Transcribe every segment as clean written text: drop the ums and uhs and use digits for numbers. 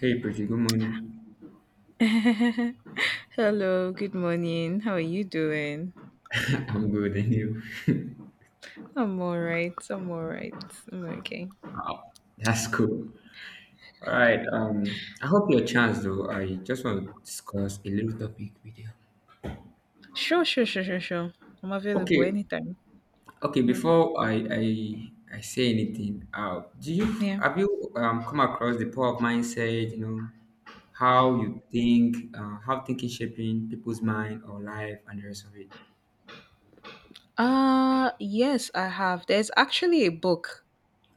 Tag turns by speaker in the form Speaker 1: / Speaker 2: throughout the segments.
Speaker 1: Hey, pretty good morning.
Speaker 2: Hello, good morning. How are you doing?
Speaker 1: I'm good, and you?
Speaker 2: I'm all right. I'm all right. I'm okay.
Speaker 1: Wow, that's cool. All right. I hope you're chance though. I just want to discuss a little topic with you.
Speaker 2: Sure, sure, sure, sure, sure. I'm available
Speaker 1: Okay,
Speaker 2: anytime.
Speaker 1: okay.
Speaker 2: Mm.
Speaker 1: Before I say anything, do you
Speaker 2: Yeah.
Speaker 1: have you um come across the power of mindset? You know how you think, how thinking shaping people's mind or life and the rest of it.
Speaker 2: Yes, I have. There's actually a book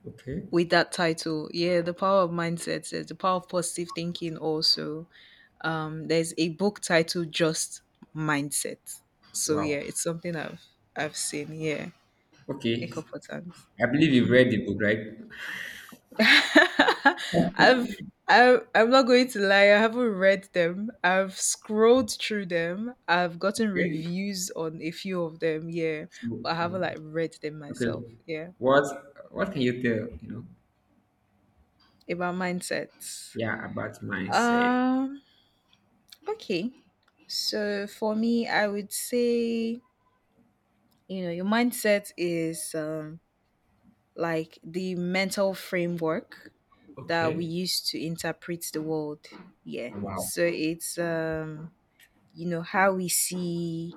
Speaker 1: Okay.
Speaker 2: with that title. Yeah, The Power of Mindset. There's The Power of Positive Thinking also. There's a book titled Just Mindset. So yeah,
Speaker 1: Wow.
Speaker 2: it's something I've seen. Yeah, a
Speaker 1: Okay.
Speaker 2: couple times.
Speaker 1: I believe you've read the book, right?
Speaker 2: I've I'm not going to lie, I haven't read them. I've scrolled through them. I've gotten
Speaker 1: Okay.
Speaker 2: reviews on a few of them, yeah,
Speaker 1: So
Speaker 2: but I haven't
Speaker 1: um,
Speaker 2: like read them
Speaker 1: Okay,
Speaker 2: myself. Yeah,
Speaker 1: what can you tell?
Speaker 2: about mindsets.
Speaker 1: Yeah, about mindset.
Speaker 2: Um, okay. So for me, I would say, you know, your mindset is like the mental framework that we
Speaker 1: Okay.
Speaker 2: use to interpret the world. Yeah.
Speaker 1: Wow.
Speaker 2: So it's you know,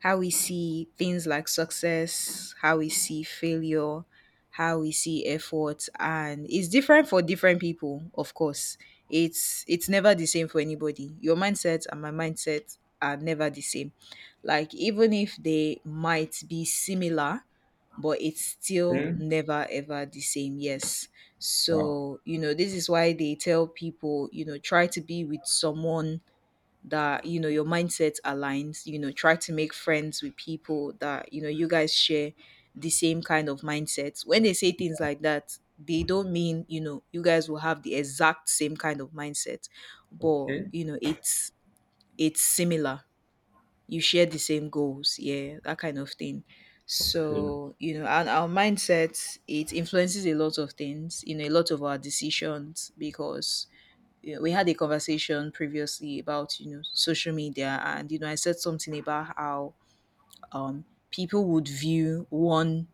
Speaker 2: how we see things like success, how we see failure, how we see effort, and it's different for different people, of course. It's never the same for anybody. Your mindset and my mindset are never the same, like, even if they might be similar, but it's still
Speaker 1: Okay.
Speaker 2: never ever the same. Yes.
Speaker 1: Wow.
Speaker 2: So you know, this is why they tell people, you know, try to be with someone that, you know, your mindset aligns. You know, try to make friends with people that, you know, you guys share the same kind of mindsets. When they say things like that, they don't mean, you know, you guys will have the exact same kind of mindset, but
Speaker 1: Okay.
Speaker 2: you know, it's similar. You share the same goals, yeah, that kind of thing.
Speaker 1: Okay.
Speaker 2: So you know, and our mindset, it influences a lot of things, you know, a lot of our decisions, because you know, we had a conversation previously about, you know, social media, and you know, I said something about how people would view one,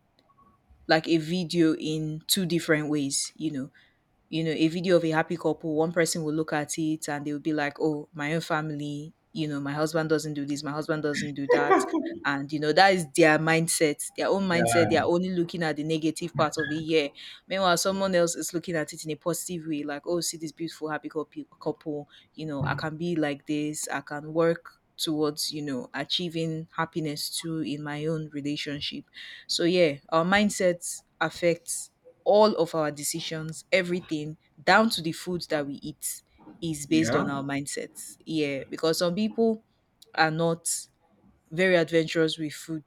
Speaker 2: like a video, in two different ways, you know. You know, a video of a happy couple, one person will look at it and they'll be like, oh, my own family, you know, my husband doesn't do this, my husband doesn't do that. And, you know, that is their mindset, their own mindset. They are
Speaker 1: Yeah.
Speaker 2: only looking at the negative part of it. Yeah. Meanwhile, someone else is looking at it in a positive way, like, oh, see this beautiful, happy couple, you know, I can be like this, I can work towards, you know, achieving happiness too in my own relationship. So yeah, our mindset affects all of our decisions, everything down to the food that we eat is based
Speaker 1: Yeah.
Speaker 2: on our mindsets. Yeah, because some people are not very adventurous with food.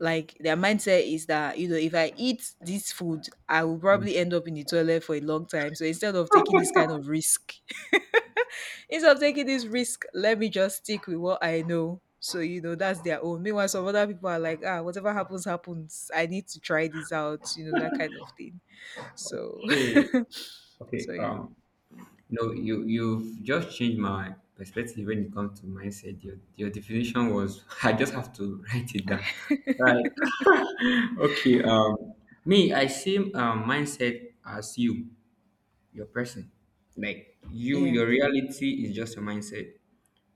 Speaker 2: Like, their mindset is that, you know, if I eat this food, I will probably end up in the toilet for a long time. So instead of taking this kind of risk, instead of taking this risk, let me just stick with what I know. So, you know, that's their own. Meanwhile, some other people are like, ah, whatever happens, happens. I need to try this out, you know, that kind of thing. So
Speaker 1: Okay. Okay.
Speaker 2: So yeah.
Speaker 1: Um. No, you've just changed my perspective when it comes to mindset. Your definition was, I just have to write it down. Right. Okay. Me, I see mindset as you, your person. Like you,
Speaker 2: Yeah.
Speaker 1: your reality is just your mindset,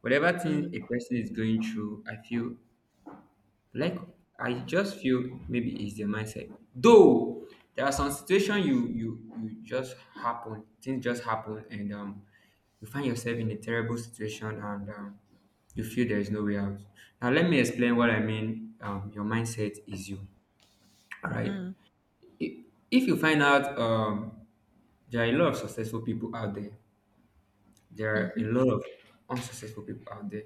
Speaker 1: whatever thing a
Speaker 2: Mm.
Speaker 1: person is going through. I feel like, I just feel maybe it's the mindset. Though there are some situation you just happen, things just happen, and you find yourself in a terrible situation, and you feel there is no way out. Now let me explain what I mean. Your mindset is you. All right.
Speaker 2: Mm.
Speaker 1: If if you find out there are a lot of successful people out there, there are a
Speaker 2: Mhm.
Speaker 1: lot of unsuccessful people out there.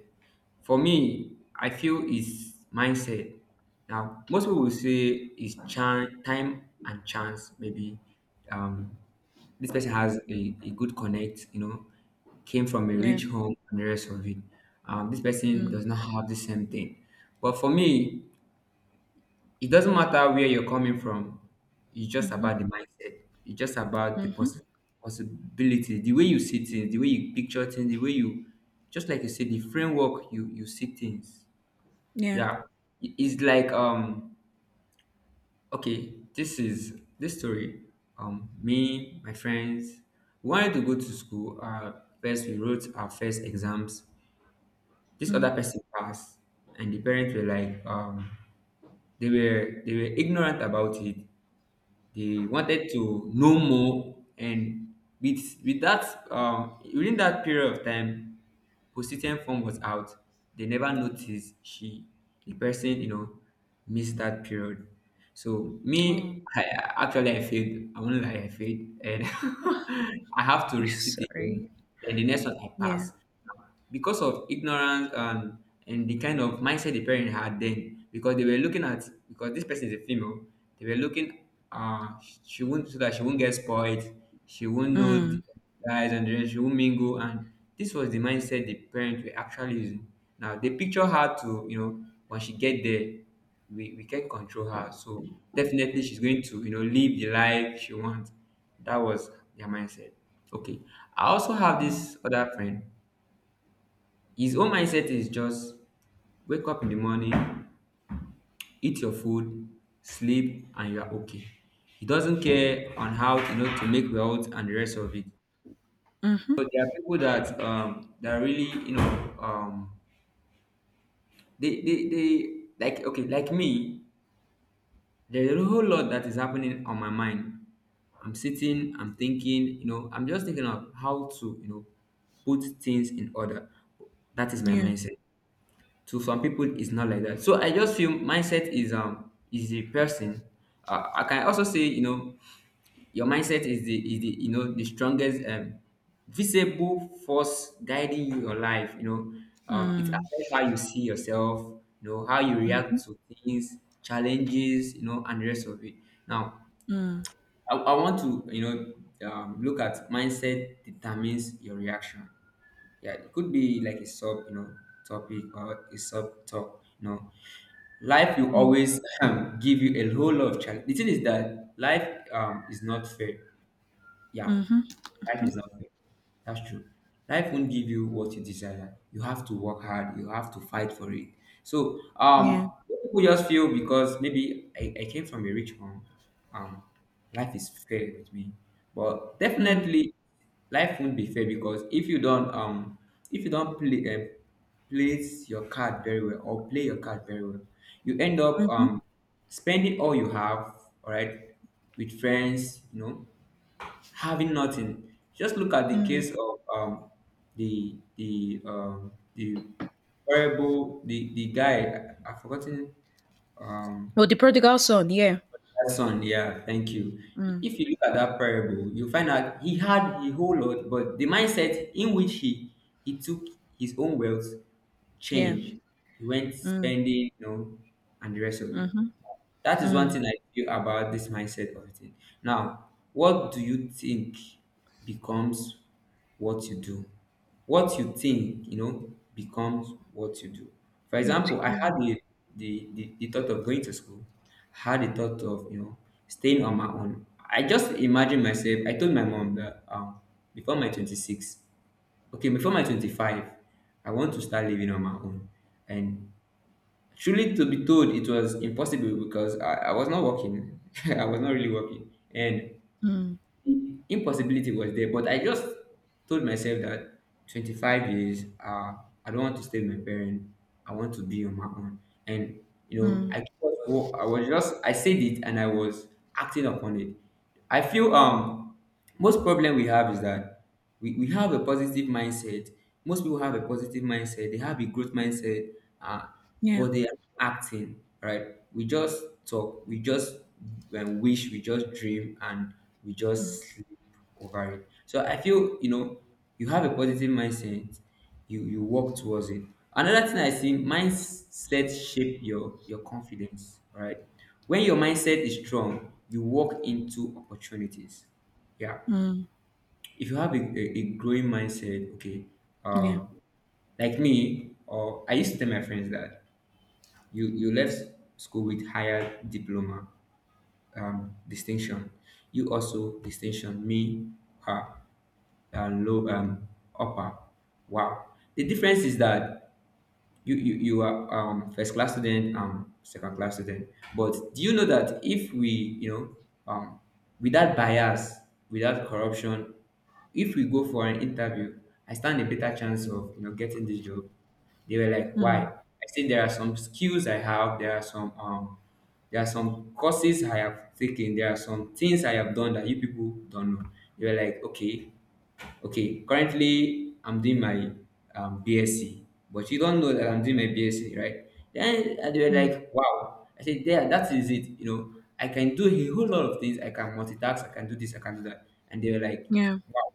Speaker 1: For me, I feel it's mindset. Now, most people will say it's time and chance. Maybe um, this person has a good connect, you know, came from a
Speaker 2: Yeah.
Speaker 1: rich home and the rest of it. This person
Speaker 2: Mm.
Speaker 1: does not have the same thing. But for me, it doesn't matter where you're coming from. It's just
Speaker 2: Mhm.
Speaker 1: about the mindset. It's just about the
Speaker 2: Mhm.
Speaker 1: possibility, the way you see things, the way you picture things, the way you, just like you said, the framework you see things.
Speaker 2: Yeah.
Speaker 1: Yeah, it's like okay, this is this story. Me, my friends, we wanted to go to school. First we wrote our first exams. This other
Speaker 2: Mm.
Speaker 1: person passed, and the parents were like they were ignorant about it. They wanted to know more, and with that, within that period of time, position form was out. They never noticed she, the person, you know, missed that period. So
Speaker 2: Oh.
Speaker 1: me, actually I failed. I won't lie, I failed, and I have to
Speaker 2: Yeah,
Speaker 1: resit it
Speaker 2: sorry.
Speaker 1: again. Then the next one I
Speaker 2: Yeah.
Speaker 1: pass, because of ignorance and the kind of mindset the parent had then, because they were looking at, because this person is a female, they were looking, uh she won't, so that she won't get spoiled, she won't know the
Speaker 2: Mm.
Speaker 1: guys, and then she won't mingle. And this was the mindset the parents were actually using. Now they picture her to, you know, when she get there, we can control her, so definitely she's going to, you know, live the life she wants. That was their mindset. Okay, I also have
Speaker 2: Mm.
Speaker 1: this other friend. His own mindset is just wake up in the morning, eat your food, sleep, and you are okay. He doesn't care on how, you know, to make wealth and the rest of it.
Speaker 2: Mhm.
Speaker 1: But there are people that that really, you know, they like, okay, like me, there's a whole lot that is happening on my mind. I'm sitting, I'm thinking, you know, I'm just thinking of how to, you know, put things in order. That is my
Speaker 2: Yeah.
Speaker 1: mindset. To some people it's not like that, so I just feel mindset is the person. I can also say, you know, your mindset is the, is the, you know, the strongest visible force guiding your life, you know. It
Speaker 2: Mm.
Speaker 1: affects how you see yourself, you know, how you
Speaker 2: Mhm.
Speaker 1: react to things, challenges, you know, and the rest of it. Now
Speaker 2: Mm.
Speaker 1: I want to, you know, look at mindset determines your reaction. Yeah, it could be like a sub, you know, topic or a sub talk, you know. Life will
Speaker 2: Yeah.
Speaker 1: always, give you a whole lot of challenge. The thing is that life, is not fair. Yeah,
Speaker 2: Mhm.
Speaker 1: life
Speaker 2: Mhm.
Speaker 1: is not fair. That's true. Life won't give you what you desire. You have to work hard. You have to fight for it. So
Speaker 2: Yeah.
Speaker 1: people just feel because maybe I came from a rich home, um, life is fair with me. But
Speaker 2: Mm.
Speaker 1: definitely, life won't be fair, because if you don't, if you don't play, place your card very well or play your card very well, you end up
Speaker 2: Mhm.
Speaker 1: spending all you have, all right, with friends, you know, having nothing. Just look at the
Speaker 2: Mm.
Speaker 1: case of the the horrible, the guy. I've forgotten um,
Speaker 2: Oh, the prodigal son, yeah.
Speaker 1: that son. Yeah, thank you.
Speaker 2: Mm.
Speaker 1: If you look at that parable, you find out he had a whole lot, but the mindset in which he took his own wealth
Speaker 2: Yeah.
Speaker 1: change, he went
Speaker 2: Mm.
Speaker 1: spending, you know, and the rest of it.
Speaker 2: Mhm.
Speaker 1: That is one
Speaker 2: Mm.
Speaker 1: thing I feel about this mindset of it. Now, what do you think becomes what you do? What you think, you know, becomes what you do. For
Speaker 2: Oh,
Speaker 1: example, I had
Speaker 2: TDM.
Speaker 1: the the thought of going to school. I had the thought of, you know, staying on my own. I just imagine myself, I told my mom that before my 26, okay, before my 25, I want to start living on my own. And truly to be told, it was impossible because I was not working. I was not really working. And
Speaker 2: Mm.
Speaker 1: the impossibility was there. But I just told myself that 25 years, I don't want to stay with my parents. I want to be on my own. And, you know,
Speaker 2: Mm.
Speaker 1: I was just, I said it and I was acting upon it. I feel most problem we have is that we have a positive mindset. Most people have a positive mindset, they have a growth mindset, uh,
Speaker 2: Yeah.
Speaker 1: but they are acting right. We just talk, we just wish, we just dream, and we just sleep over it. So I feel, you know, you have a positive mindset, you work towards it. Another thing I see, mindset shape your confidence, all right. When your mindset is strong, you walk into opportunities, yeah.
Speaker 2: Mm.
Speaker 1: If you have a growing mindset, okay,
Speaker 2: Yeah.
Speaker 1: um, like me, or I used to tell my friends that you left school with higher diploma, distinction. You also distinction, me, her, and low upper. Wow. The difference is that you are first class student, second class student. But do you know that if we, you know, um without bias, without corruption, if we go for an interview, I stand a better chance of, you know, getting this job. They were like, why?
Speaker 2: Mm.
Speaker 1: I said there are some skills I have, there are some courses I have taken, there are some things I have done that you people don't know. They were like, okay. Okay, currently I'm doing my BSc, but you don't know that I'm doing my BSc, right? Then and they were
Speaker 2: Mm.
Speaker 1: like, wow. I said, yeah, that is it. You know, I can do a whole lot of things. I can multitask. I can do this. I can do that. And they were like,
Speaker 2: Yeah,
Speaker 1: wow.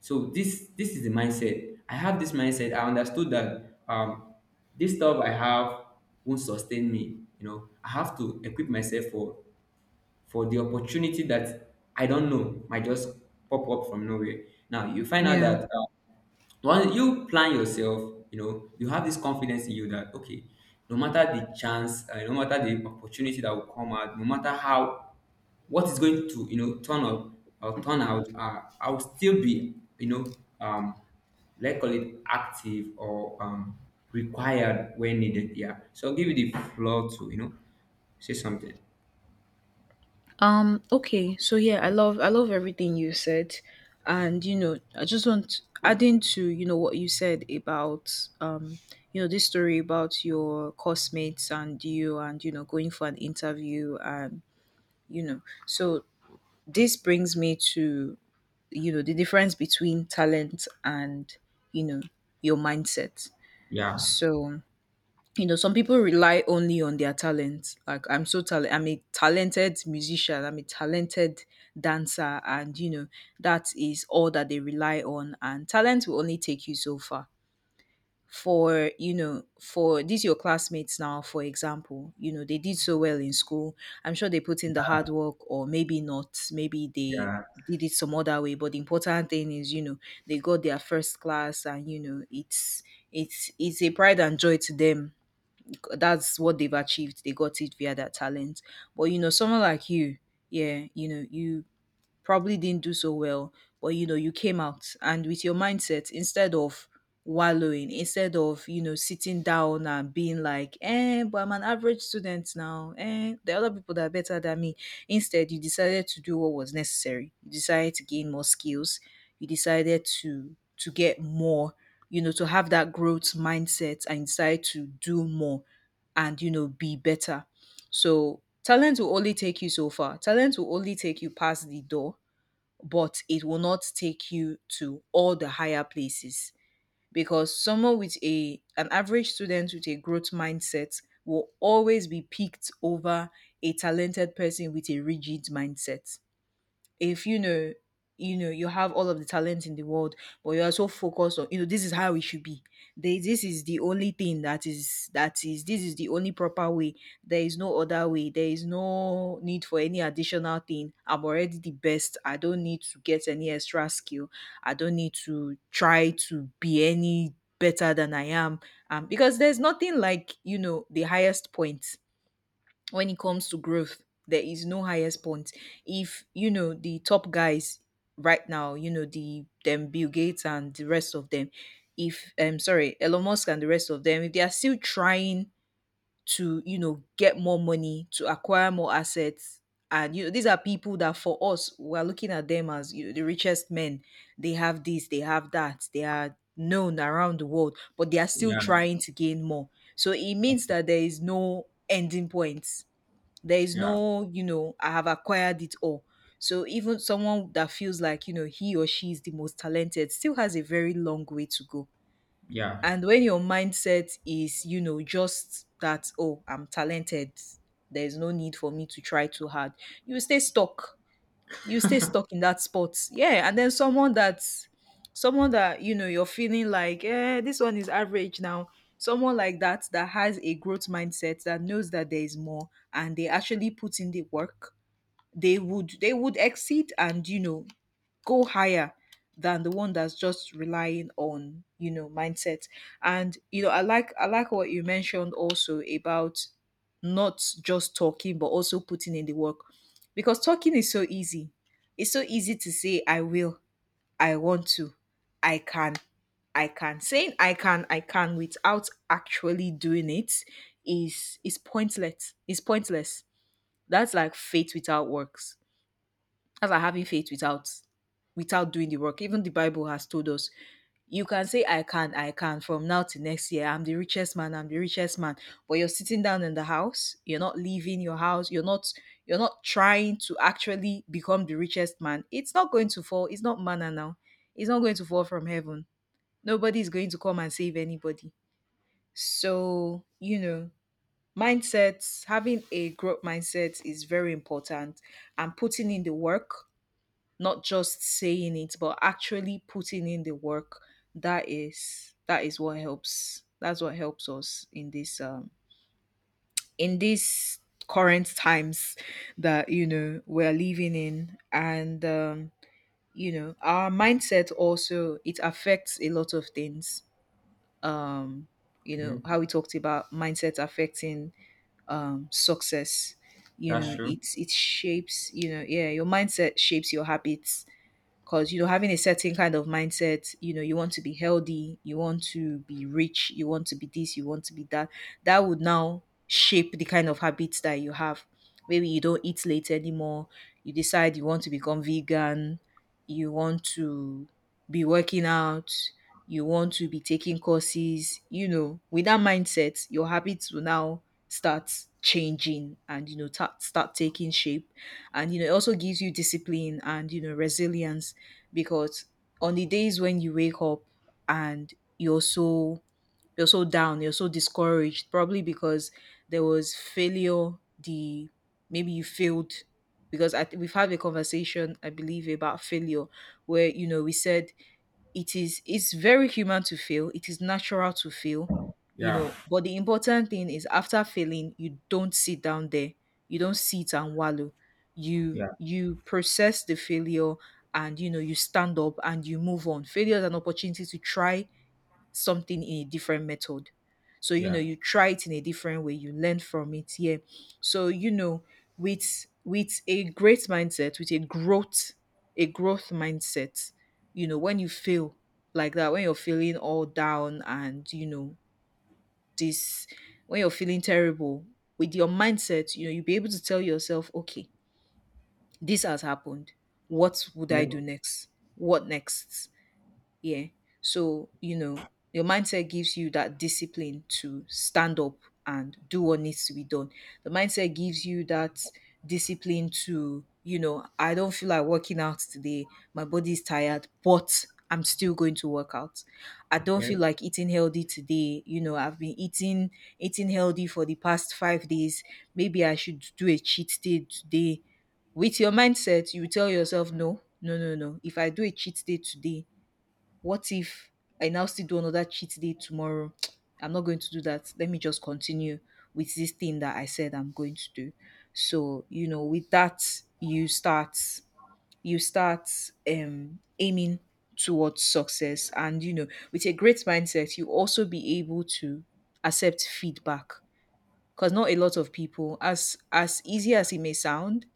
Speaker 1: So this is the mindset. I have this mindset. I understood that this stuff I have won't sustain me. You know, I have to equip myself for the opportunity that I don't know might just pop up from nowhere. Now you find out
Speaker 2: yeah.
Speaker 1: that once you plan yourself, you know you have this confidence in you that okay, no matter the chance, no matter the opportunity that will come out, no matter how what is going to, you know, turn up or turn out, I'll still be, you know, let's call it active or required when needed. Yeah. So I'll give you the floor to, you know, say something.
Speaker 2: Okay, so yeah, I love everything you said. And you know, I just want adding to, you know, what you said about, um, you know, this story about your classmates and you, and you know, going for an interview, and you know, so this brings me to, you know, the difference between talent and, you know, your mindset.
Speaker 1: Yeah.
Speaker 2: So you know, some people rely only on their talent, like, I'm so talented, I'm a talented musician, I'm a talented dancer, and you know, that is all that they rely on, and talent will only take you so far. For, you know, for these your classmates now, for example, you know, they did so well in school. I'm sure they put in the hard work, or maybe not, maybe they
Speaker 1: Yeah.
Speaker 2: did it some other way, but the important thing is, you know, they got their first class, and you know, it's a pride and joy to them. That's what they've achieved. They got it via their talent. But you know, someone like you, yeah, you know, you probably didn't do so well, but you know, you came out, and with your mindset, instead of wallowing, instead of, you know, sitting down and being like, eh, but I'm an average student now, eh, there are other people that are better than me. Instead, you decided to do what was necessary. You decided to gain more skills. You decided to get more, you know, to have that growth mindset, and decide to do more, and you know, be better. So talent will only take you so far. Talent will only take you past the door, but it will not take you to all the higher places, because someone with a an average student with a growth mindset will always be picked over a talented person with a rigid mindset. If you know, you have all of the talent in the world, but you are so focused on, you know, this is how it should be, this is the only thing that is, this is the only proper way, there is no other way, there is no need for any additional thing, I'm already the best, I don't need to get any extra skill, I don't need to try to be any better than I am. Because there's nothing like, you know, the highest point. When it comes to growth, there is no highest point. If you know, the top guys right now, you know, them Bill Gates and the rest of them, if sorry, Elon Musk and the rest of them, if they are still trying to, you know, get more money, to acquire more assets, and you know, these are people that for us we're looking at them as, you know, the richest men, they have this, they have that, they are known around the world, but they are still
Speaker 1: Yeah.
Speaker 2: trying to gain more. So it means that there is no ending point. There is
Speaker 1: Yeah,
Speaker 2: no, you know, I have acquired it all. So even someone that feels like, you know, he or she is the most talented, still has a very long way to go.
Speaker 1: yeah,
Speaker 2: And when your mindset is, you know, just that, oh, I'm talented, there's no need for me to try too hard, you will stay stuck. You stay stuck in that spot. Yeah, and then someone that, you know, you're feeling like, eh, this one is average now. Someone like that, that has a growth mindset, that knows that there is more and they actually put in the work, they would exceed, and you know, go higher than the one that's just relying on, you know, mindset. And you know, I like what you mentioned also about not just talking but also putting in the work. Because talking is so easy. It's so easy to say I will, I want to, I can, I can. Saying I can, I can without actually doing it is pointless, is pointless. That's like faith without works. That's like having faith without doing the work. Even the Bible has told us, you can say I can from now to next year. I'm the richest man, I'm the richest man. But you're sitting down in the house, you're not leaving your house, you're not trying to actually become the richest man. It's not going to fall. It's not manna now. It's not going to fall from heaven. Nobody is going to come and save anybody. So, you know, mindsets, having a growth mindset is very important, and putting in the work, not just saying it but actually putting in the work. That is what helps, that's what helps us in this in these current times that we're living in. And Our mindset also, it affects a lot of things. um
Speaker 1: okay,
Speaker 2: how we talked about mindset affecting success,
Speaker 1: that's true.
Speaker 2: it's it shapes, you know yeah your mindset shapes your habits. Because having a certain kind of mindset, you want to be healthy, you want to be rich, you want to be this, you want to be that, that would now shape the kind of habits that you have. Maybe you don't eat late anymore, you decide you want to become vegan, you want to be working out, you want to be taking courses. With that mindset, your habits will now start changing and, start taking shape. And it also gives you discipline and resilience. Because on the days when you wake up and you're so, you're so down, you're so discouraged, probably because there was failure, the maybe you failed. Because we've had a conversation, I believe, about failure, where we said it is, it's very human to fail. It is natural to fail, you
Speaker 1: Yeah,
Speaker 2: know, but the important thing is after failing, you don't sit down there. You don't sit and wallow. You
Speaker 1: yeah,
Speaker 2: you process the failure, and you stand up and you move on. Failure is an opportunity to try something in a different method. So,
Speaker 1: yeah,
Speaker 2: you try it in a different way, you learn from it. Yeah. So, with a great mindset, with a growth mindset, when you feel like that, when you're feeling all down and, you know, this when you're feeling terrible, with your mindset, you'll be able to tell yourself, okay, this has happened. What would
Speaker 1: yeah,
Speaker 2: I do next? What next? Yeah. So, your mindset gives you that discipline to stand up and do what needs to be done. The mindset gives you that discipline to, I don't feel like working out today. My body is tired, but I'm still going to work out. I don't
Speaker 1: yeah,
Speaker 2: feel like eating healthy today. You know, I've been eating healthy for the past 5 days. Maybe I should do a cheat day today. With your mindset, you tell yourself, no, no, no, no. If I do a cheat day today, what if I now still do another cheat day tomorrow? I'm not going to do that. Let me just continue with this thing that I said I'm going to do. So, with that, you start you start aiming towards success. And with a great mindset, you also be able to accept feedback. Because not a lot of people, as easy as it may sound,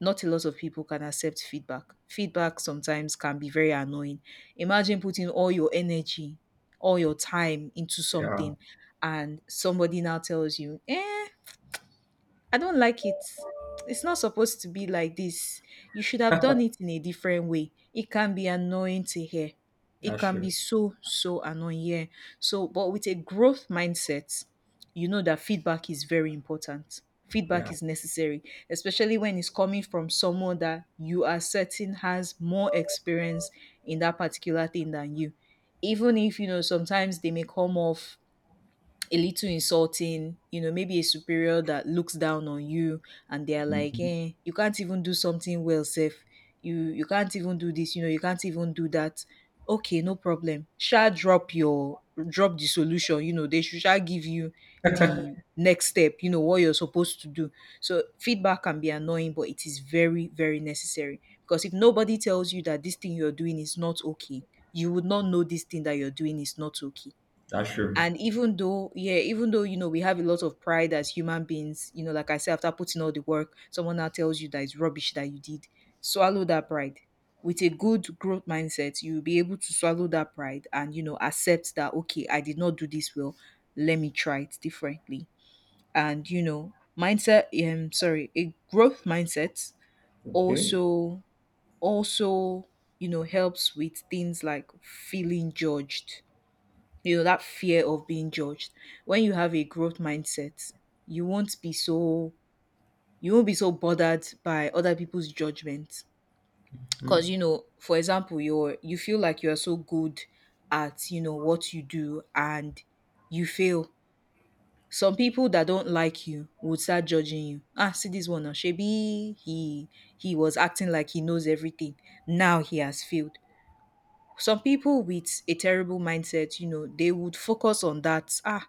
Speaker 2: not a lot of people can accept feedback. Feedback sometimes can be very annoying. Imagine putting all your energy, all your time into
Speaker 1: yeah,
Speaker 2: something, and somebody now tells you, eh, I don't like it. It's not supposed to be like this. You should have done it in a different way. It can be annoying to hear. It
Speaker 1: that's
Speaker 2: can
Speaker 1: true.
Speaker 2: be so, so annoying. Yeah. So, but with a growth mindset, you know that feedback is very important. Feedback
Speaker 1: Yeah,
Speaker 2: is necessary, especially when it's coming from someone that you are certain has more experience in that particular thing than you. Even if, sometimes they may come off a little insulting, maybe a superior that looks down on you, and they are like,
Speaker 1: hmm,
Speaker 2: eh, you can't even do something well, Seth. You can't even do this, you can't even do that. Okay, no problem. Shall drop your, drop the solution, they should sha give you the next step, what you're supposed to do. So feedback can be annoying, but it is very, very necessary. Because if nobody tells you that this thing you're doing is not okay, you would not know this thing that you're doing is not okay.
Speaker 1: that's true.
Speaker 2: And even though, yeah, even though, we have a lot of pride as human beings, like I said, after putting all the work, someone now tells you that it's rubbish that you did. Swallow that pride. With a good growth mindset, you'll be able to swallow that pride and, accept that, okay, I did not do this well, let me try it differently. And mindset sorry a growth mindset
Speaker 1: Okay,
Speaker 2: also also helps with things like feeling judged, that fear of being judged. When you have a growth mindset, you won't be so you won't be so bothered by other people's judgment.
Speaker 1: hmm,
Speaker 2: Because, for example, you feel like you're so good at, what you do, and you fail, some people that don't like you would start judging you. Ah, see this one now, shebi, he was acting like he knows everything, now he has failed. Some people with a terrible mindset, they would focus on that. Ah,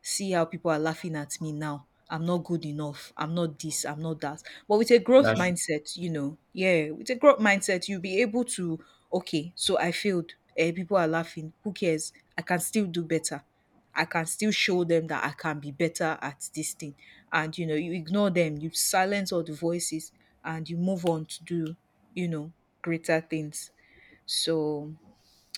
Speaker 2: see how people are laughing at me now. I'm not good enough. I'm not this. I'm not that. But with a growth
Speaker 1: that's true.
Speaker 2: mindset, with a growth mindset, you'll be able to, okay, so I failed. Eh, people are laughing. Who cares? I can still do better. I can still show them that I can be better at this thing. And, you ignore them, you silence all the voices, and you move on to do, you know, greater things. So,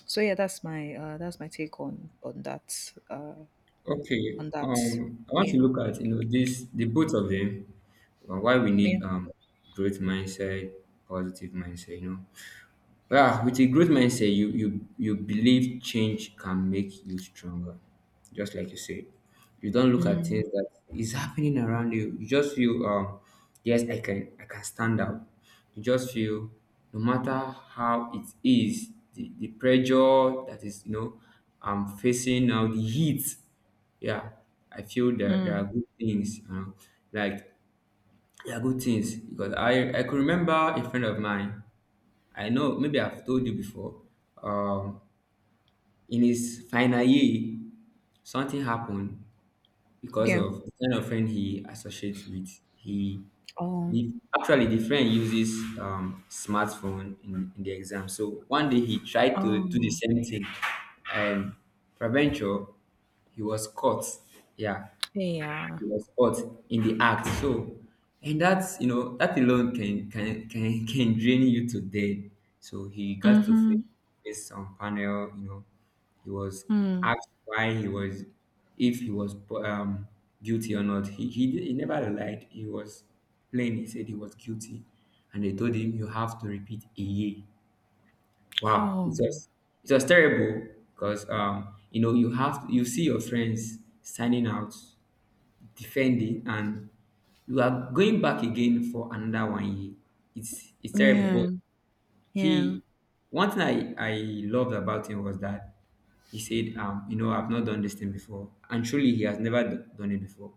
Speaker 2: so yeah, that's my take on that. Uh,
Speaker 1: Okay.
Speaker 2: on that.
Speaker 1: Um, I want to
Speaker 2: Yeah.
Speaker 1: look at, you know, this the both of them, why we
Speaker 2: Yeah.
Speaker 1: need growth mindset, positive mindset. You know, yeah, with a growth mindset, you believe change can make you stronger, just like you said. You don't look at
Speaker 2: Mm,
Speaker 1: things that is happening around you. You just feel, yes, I can stand out. You just feel, no matter how it is, the pressure that is I'm facing now, the heat. Yeah, I feel that there are
Speaker 2: mm.
Speaker 1: good things. Like there are good things because I could remember a friend of mine. I know maybe I've told you before. Um, in his final year, something happened because
Speaker 2: Yeah.
Speaker 1: of the kind of friend he associates with. He
Speaker 2: oh
Speaker 1: Actually, the friend uses smartphone in the exam. So one day he tried to do the
Speaker 2: Oh,
Speaker 1: same thing, and peradventure he was caught. Yeah,
Speaker 2: yeah.
Speaker 1: he was caught in the act. So, and that's that alone can can drain you to death. So he got to face,
Speaker 2: Mm-hmm.
Speaker 1: face some panel. He was
Speaker 2: Mm.
Speaker 1: asked why he was if he was um guilty or not. He never lied. He was plain. He said he was guilty, and they told him you have to repeat a year. Wow,
Speaker 2: Oh,
Speaker 1: it was terrible because you see your friends standing out defending and you are going back again for another one year. It's terrible. But
Speaker 2: yeah. Yeah.
Speaker 1: he one thing I loved about him was that he said, I've not done this thing before. And truly he has never done it before.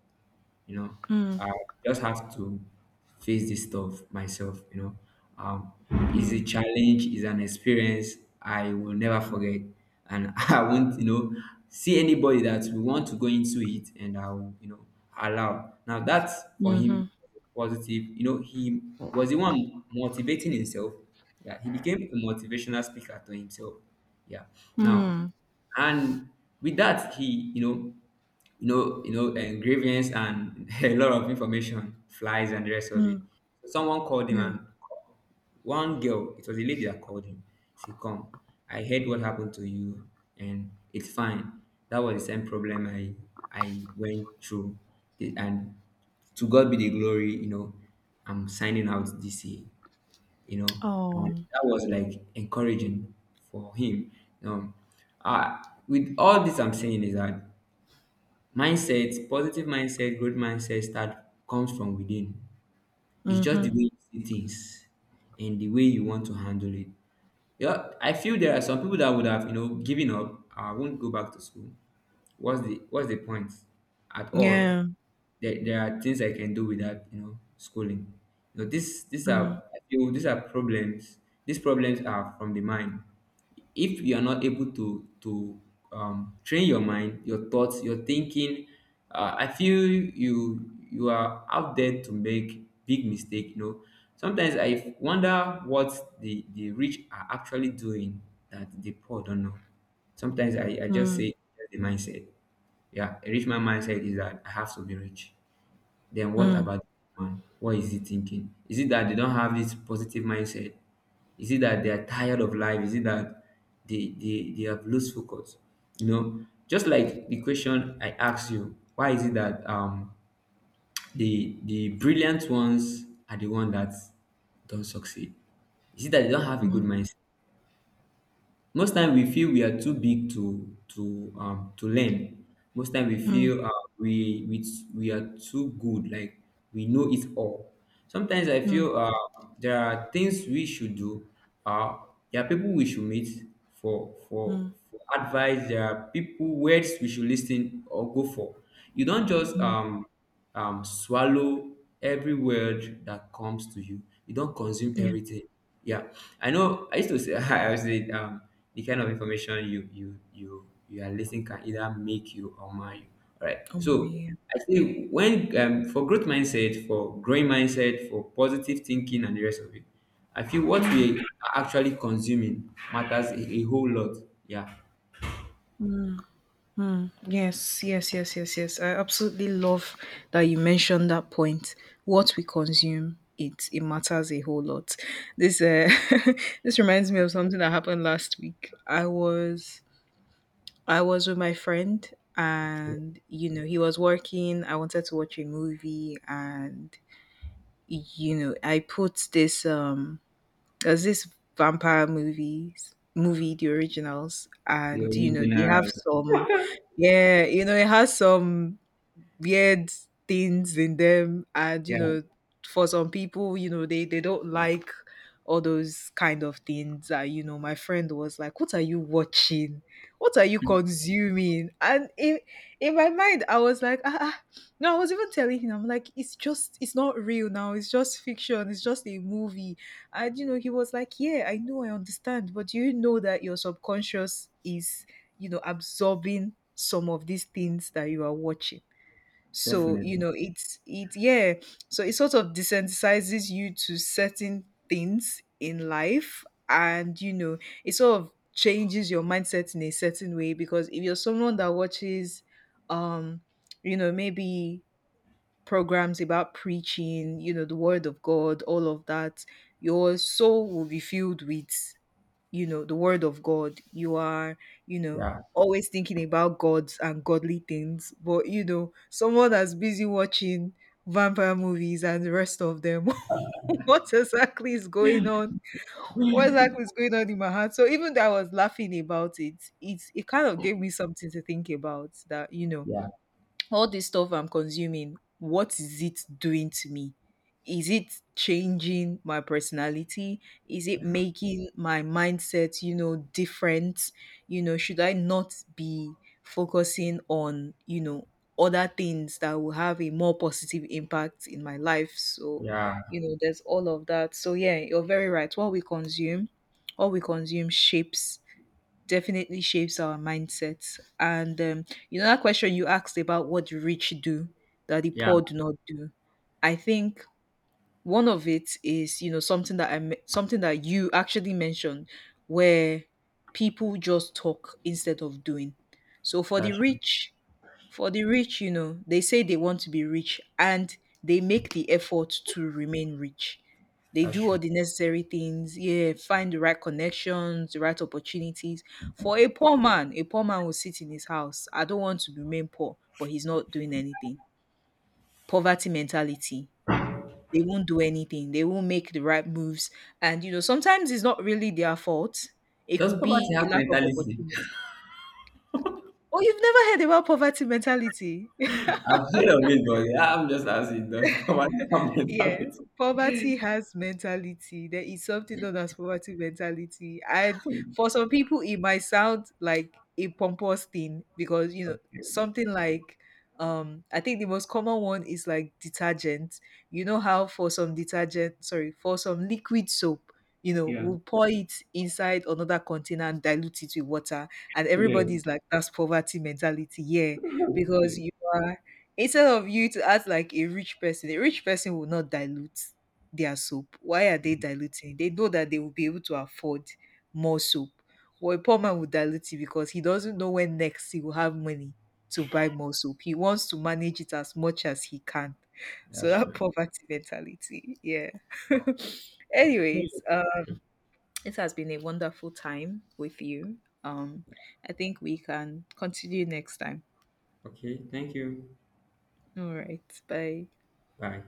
Speaker 1: you know
Speaker 2: Mm,
Speaker 1: I just have to face this stuff myself. Um it's a
Speaker 2: mm,
Speaker 1: challenge, it's an experience I will never forget, and I won't see anybody that will want to go into it, and I will allow. Now that's for him.
Speaker 2: mm-hmm.
Speaker 1: Positive. He was the one motivating himself. Yeah, he became a motivational speaker to himself. Yeah, now,
Speaker 2: Mm,
Speaker 1: and with that he grievance and a lot of information, flies and the rest of it.
Speaker 2: mm,
Speaker 1: So someone called him,
Speaker 2: yeah.
Speaker 1: and one girl, it was a lady that called him. She come. I heard what happened to you and it's fine. That was the same problem I went through. And to God be the glory, I'm signing out this year, you know. And
Speaker 2: Oh,
Speaker 1: that was like encouraging for him. Um, uh, with all this I'm saying is that mindset, positive mindset, growth mindset start comes from within. It's just the
Speaker 2: mm-hmm.
Speaker 1: way you see things and the way you want to handle it. Yeah, I feel there are some people that would have, given up. I won't go back to school. What's the point at all?
Speaker 2: Yeah.
Speaker 1: There are things I can do without schooling. This these
Speaker 2: Mm,
Speaker 1: are I feel these are problems. These problems are from the mind. If you are not able to train your mind, your thoughts, your thinking, I feel you are out there to make big mistake sometimes I wonder what the rich are actually doing that the poor don't know. Sometimes I just say
Speaker 2: mm,
Speaker 1: the mindset. Yeah, a rich man mindset is that I have to be rich. Then what
Speaker 2: mm,
Speaker 1: about the man? What is he thinking? Is it that they don't have this positive mindset? Is it that they are tired of life? Is it that they have lost focus? Just like the question I asked you, why is it that the brilliant ones are the ones that don't succeed? Is it that they don't have a good mindset? Most time we feel we are too big to learn. Most time we
Speaker 2: mm,
Speaker 1: feel we are too good, like we know it all. Sometimes I
Speaker 2: mm,
Speaker 1: feel there are things we should do. Uh, there are people we should meet for for
Speaker 2: mm,
Speaker 1: for advice. There are people words we should listen or go for. You don't just
Speaker 2: mm.
Speaker 1: swallow every word that comes to you. You don't consume
Speaker 2: Yeah.
Speaker 1: everything. Yeah, I know. I used to say I was saying the kind of information you are listening can either make you or mar you. All right.
Speaker 2: Oh,
Speaker 1: So
Speaker 2: yeah.
Speaker 1: I think when for growth mindset, for growing mindset, for positive thinking and the rest of it, I feel what we are actually consuming matters a whole lot. Yeah.
Speaker 2: Hmm. Yes, yes, yes, yes, yes. I absolutely love that you mentioned that point. What we consume, it matters a whole lot. This this reminds me of something that happened last week. I was with my friend,
Speaker 1: Okay.
Speaker 2: and he was working. I wanted to watch a movie, and I put this there's this vampire movie, The Originals,
Speaker 1: The
Speaker 2: and, you know, they have
Speaker 1: originals.
Speaker 2: some, yeah, you know, it has some weird things in them, and,
Speaker 1: Yeah,
Speaker 2: for some people, they don't like all those kind of things. That, my friend was like, what are you watching? What are you consuming? And in my mind, I was like, ah ah. No, I was even telling him, I'm like, it's just, it's not real now, it's just fiction, it's just a movie. And, he was like, yeah, I know, I understand, but do you know that your subconscious is, absorbing some of these things that you are watching? So,
Speaker 1: definitely.
Speaker 2: it yeah, so it sort of desensitizes you to certain things in life. And, it sort of changes your mindset in a certain way. Because if you're someone that watches, um maybe programs about preaching, the word of God, all of that, your soul will be filled with, the word of God. You are, you know, always thinking about gods and godly things. But, someone that's busy watching vampire movies and the rest of them, what exactly is
Speaker 1: Yeah.
Speaker 2: going on? What exactly is going on in my heart? So even though I was laughing about it, it it kind of gave me something to think about, that,
Speaker 1: Yeah.
Speaker 2: all this stuff I'm consuming, what is it doing to me? Is it changing my personality? Is it
Speaker 1: Yeah,
Speaker 2: making my mindset, different? You know, should I not be focusing on, other things that will have a more positive impact in my life? So,
Speaker 1: yeah,
Speaker 2: there's all of that. So, yeah, you're very right. What we consume shapes definitely shapes our mindsets. And, that question you asked about what the rich do that the
Speaker 1: yeah,
Speaker 2: poor do not do. I think one of it is, something that something that you actually mentioned, where people just talk instead of doing. So
Speaker 1: that's true.
Speaker 2: for the rich, they say they want to be rich and they make the effort to remain rich. They
Speaker 1: That's
Speaker 2: do
Speaker 1: true.
Speaker 2: all the necessary things, yeah, find the right connections, the right opportunities. For a poor man will sit in his house. I don't want to remain poor, but he's not doing anything. Poverty mentality. They won't do anything. They won't make the right moves. And, sometimes it's not really their fault. It
Speaker 1: Does
Speaker 2: could
Speaker 1: poverty
Speaker 2: be
Speaker 1: have
Speaker 2: a lack of
Speaker 1: mentality?
Speaker 2: opportunity. Oh, you've never heard about poverty mentality?
Speaker 1: I've heard of it, but yeah, I'm just asking, does poverty have
Speaker 2: Yeah,
Speaker 1: mentality?
Speaker 2: poverty has mentality. There is something known as poverty mentality. And for some people, it might sound like a pompous thing because, something like, I think the most common one is like detergent. You know how for some for some liquid soap,
Speaker 1: Yeah.
Speaker 2: we'll pour it inside another container and dilute it with water. And
Speaker 1: Yeah.
Speaker 2: everybody's like, that's poverty mentality. Yeah, because
Speaker 1: Okay.
Speaker 2: you are. Instead of you to act like a rich person will not dilute their soap. Why are they diluting? They know that they will be able to afford more soap. Well, a poor man will dilute it because he doesn't know when next he will have money to buy more soap. He wants to manage it as much as he can. So
Speaker 1: That's
Speaker 2: that
Speaker 1: true.
Speaker 2: poverty mentality, yeah. Anyways,
Speaker 1: Okay.
Speaker 2: it has been a wonderful time with you. Um, I think we can continue next time.
Speaker 1: Okay, thank you.
Speaker 2: All right, bye.
Speaker 1: Bye.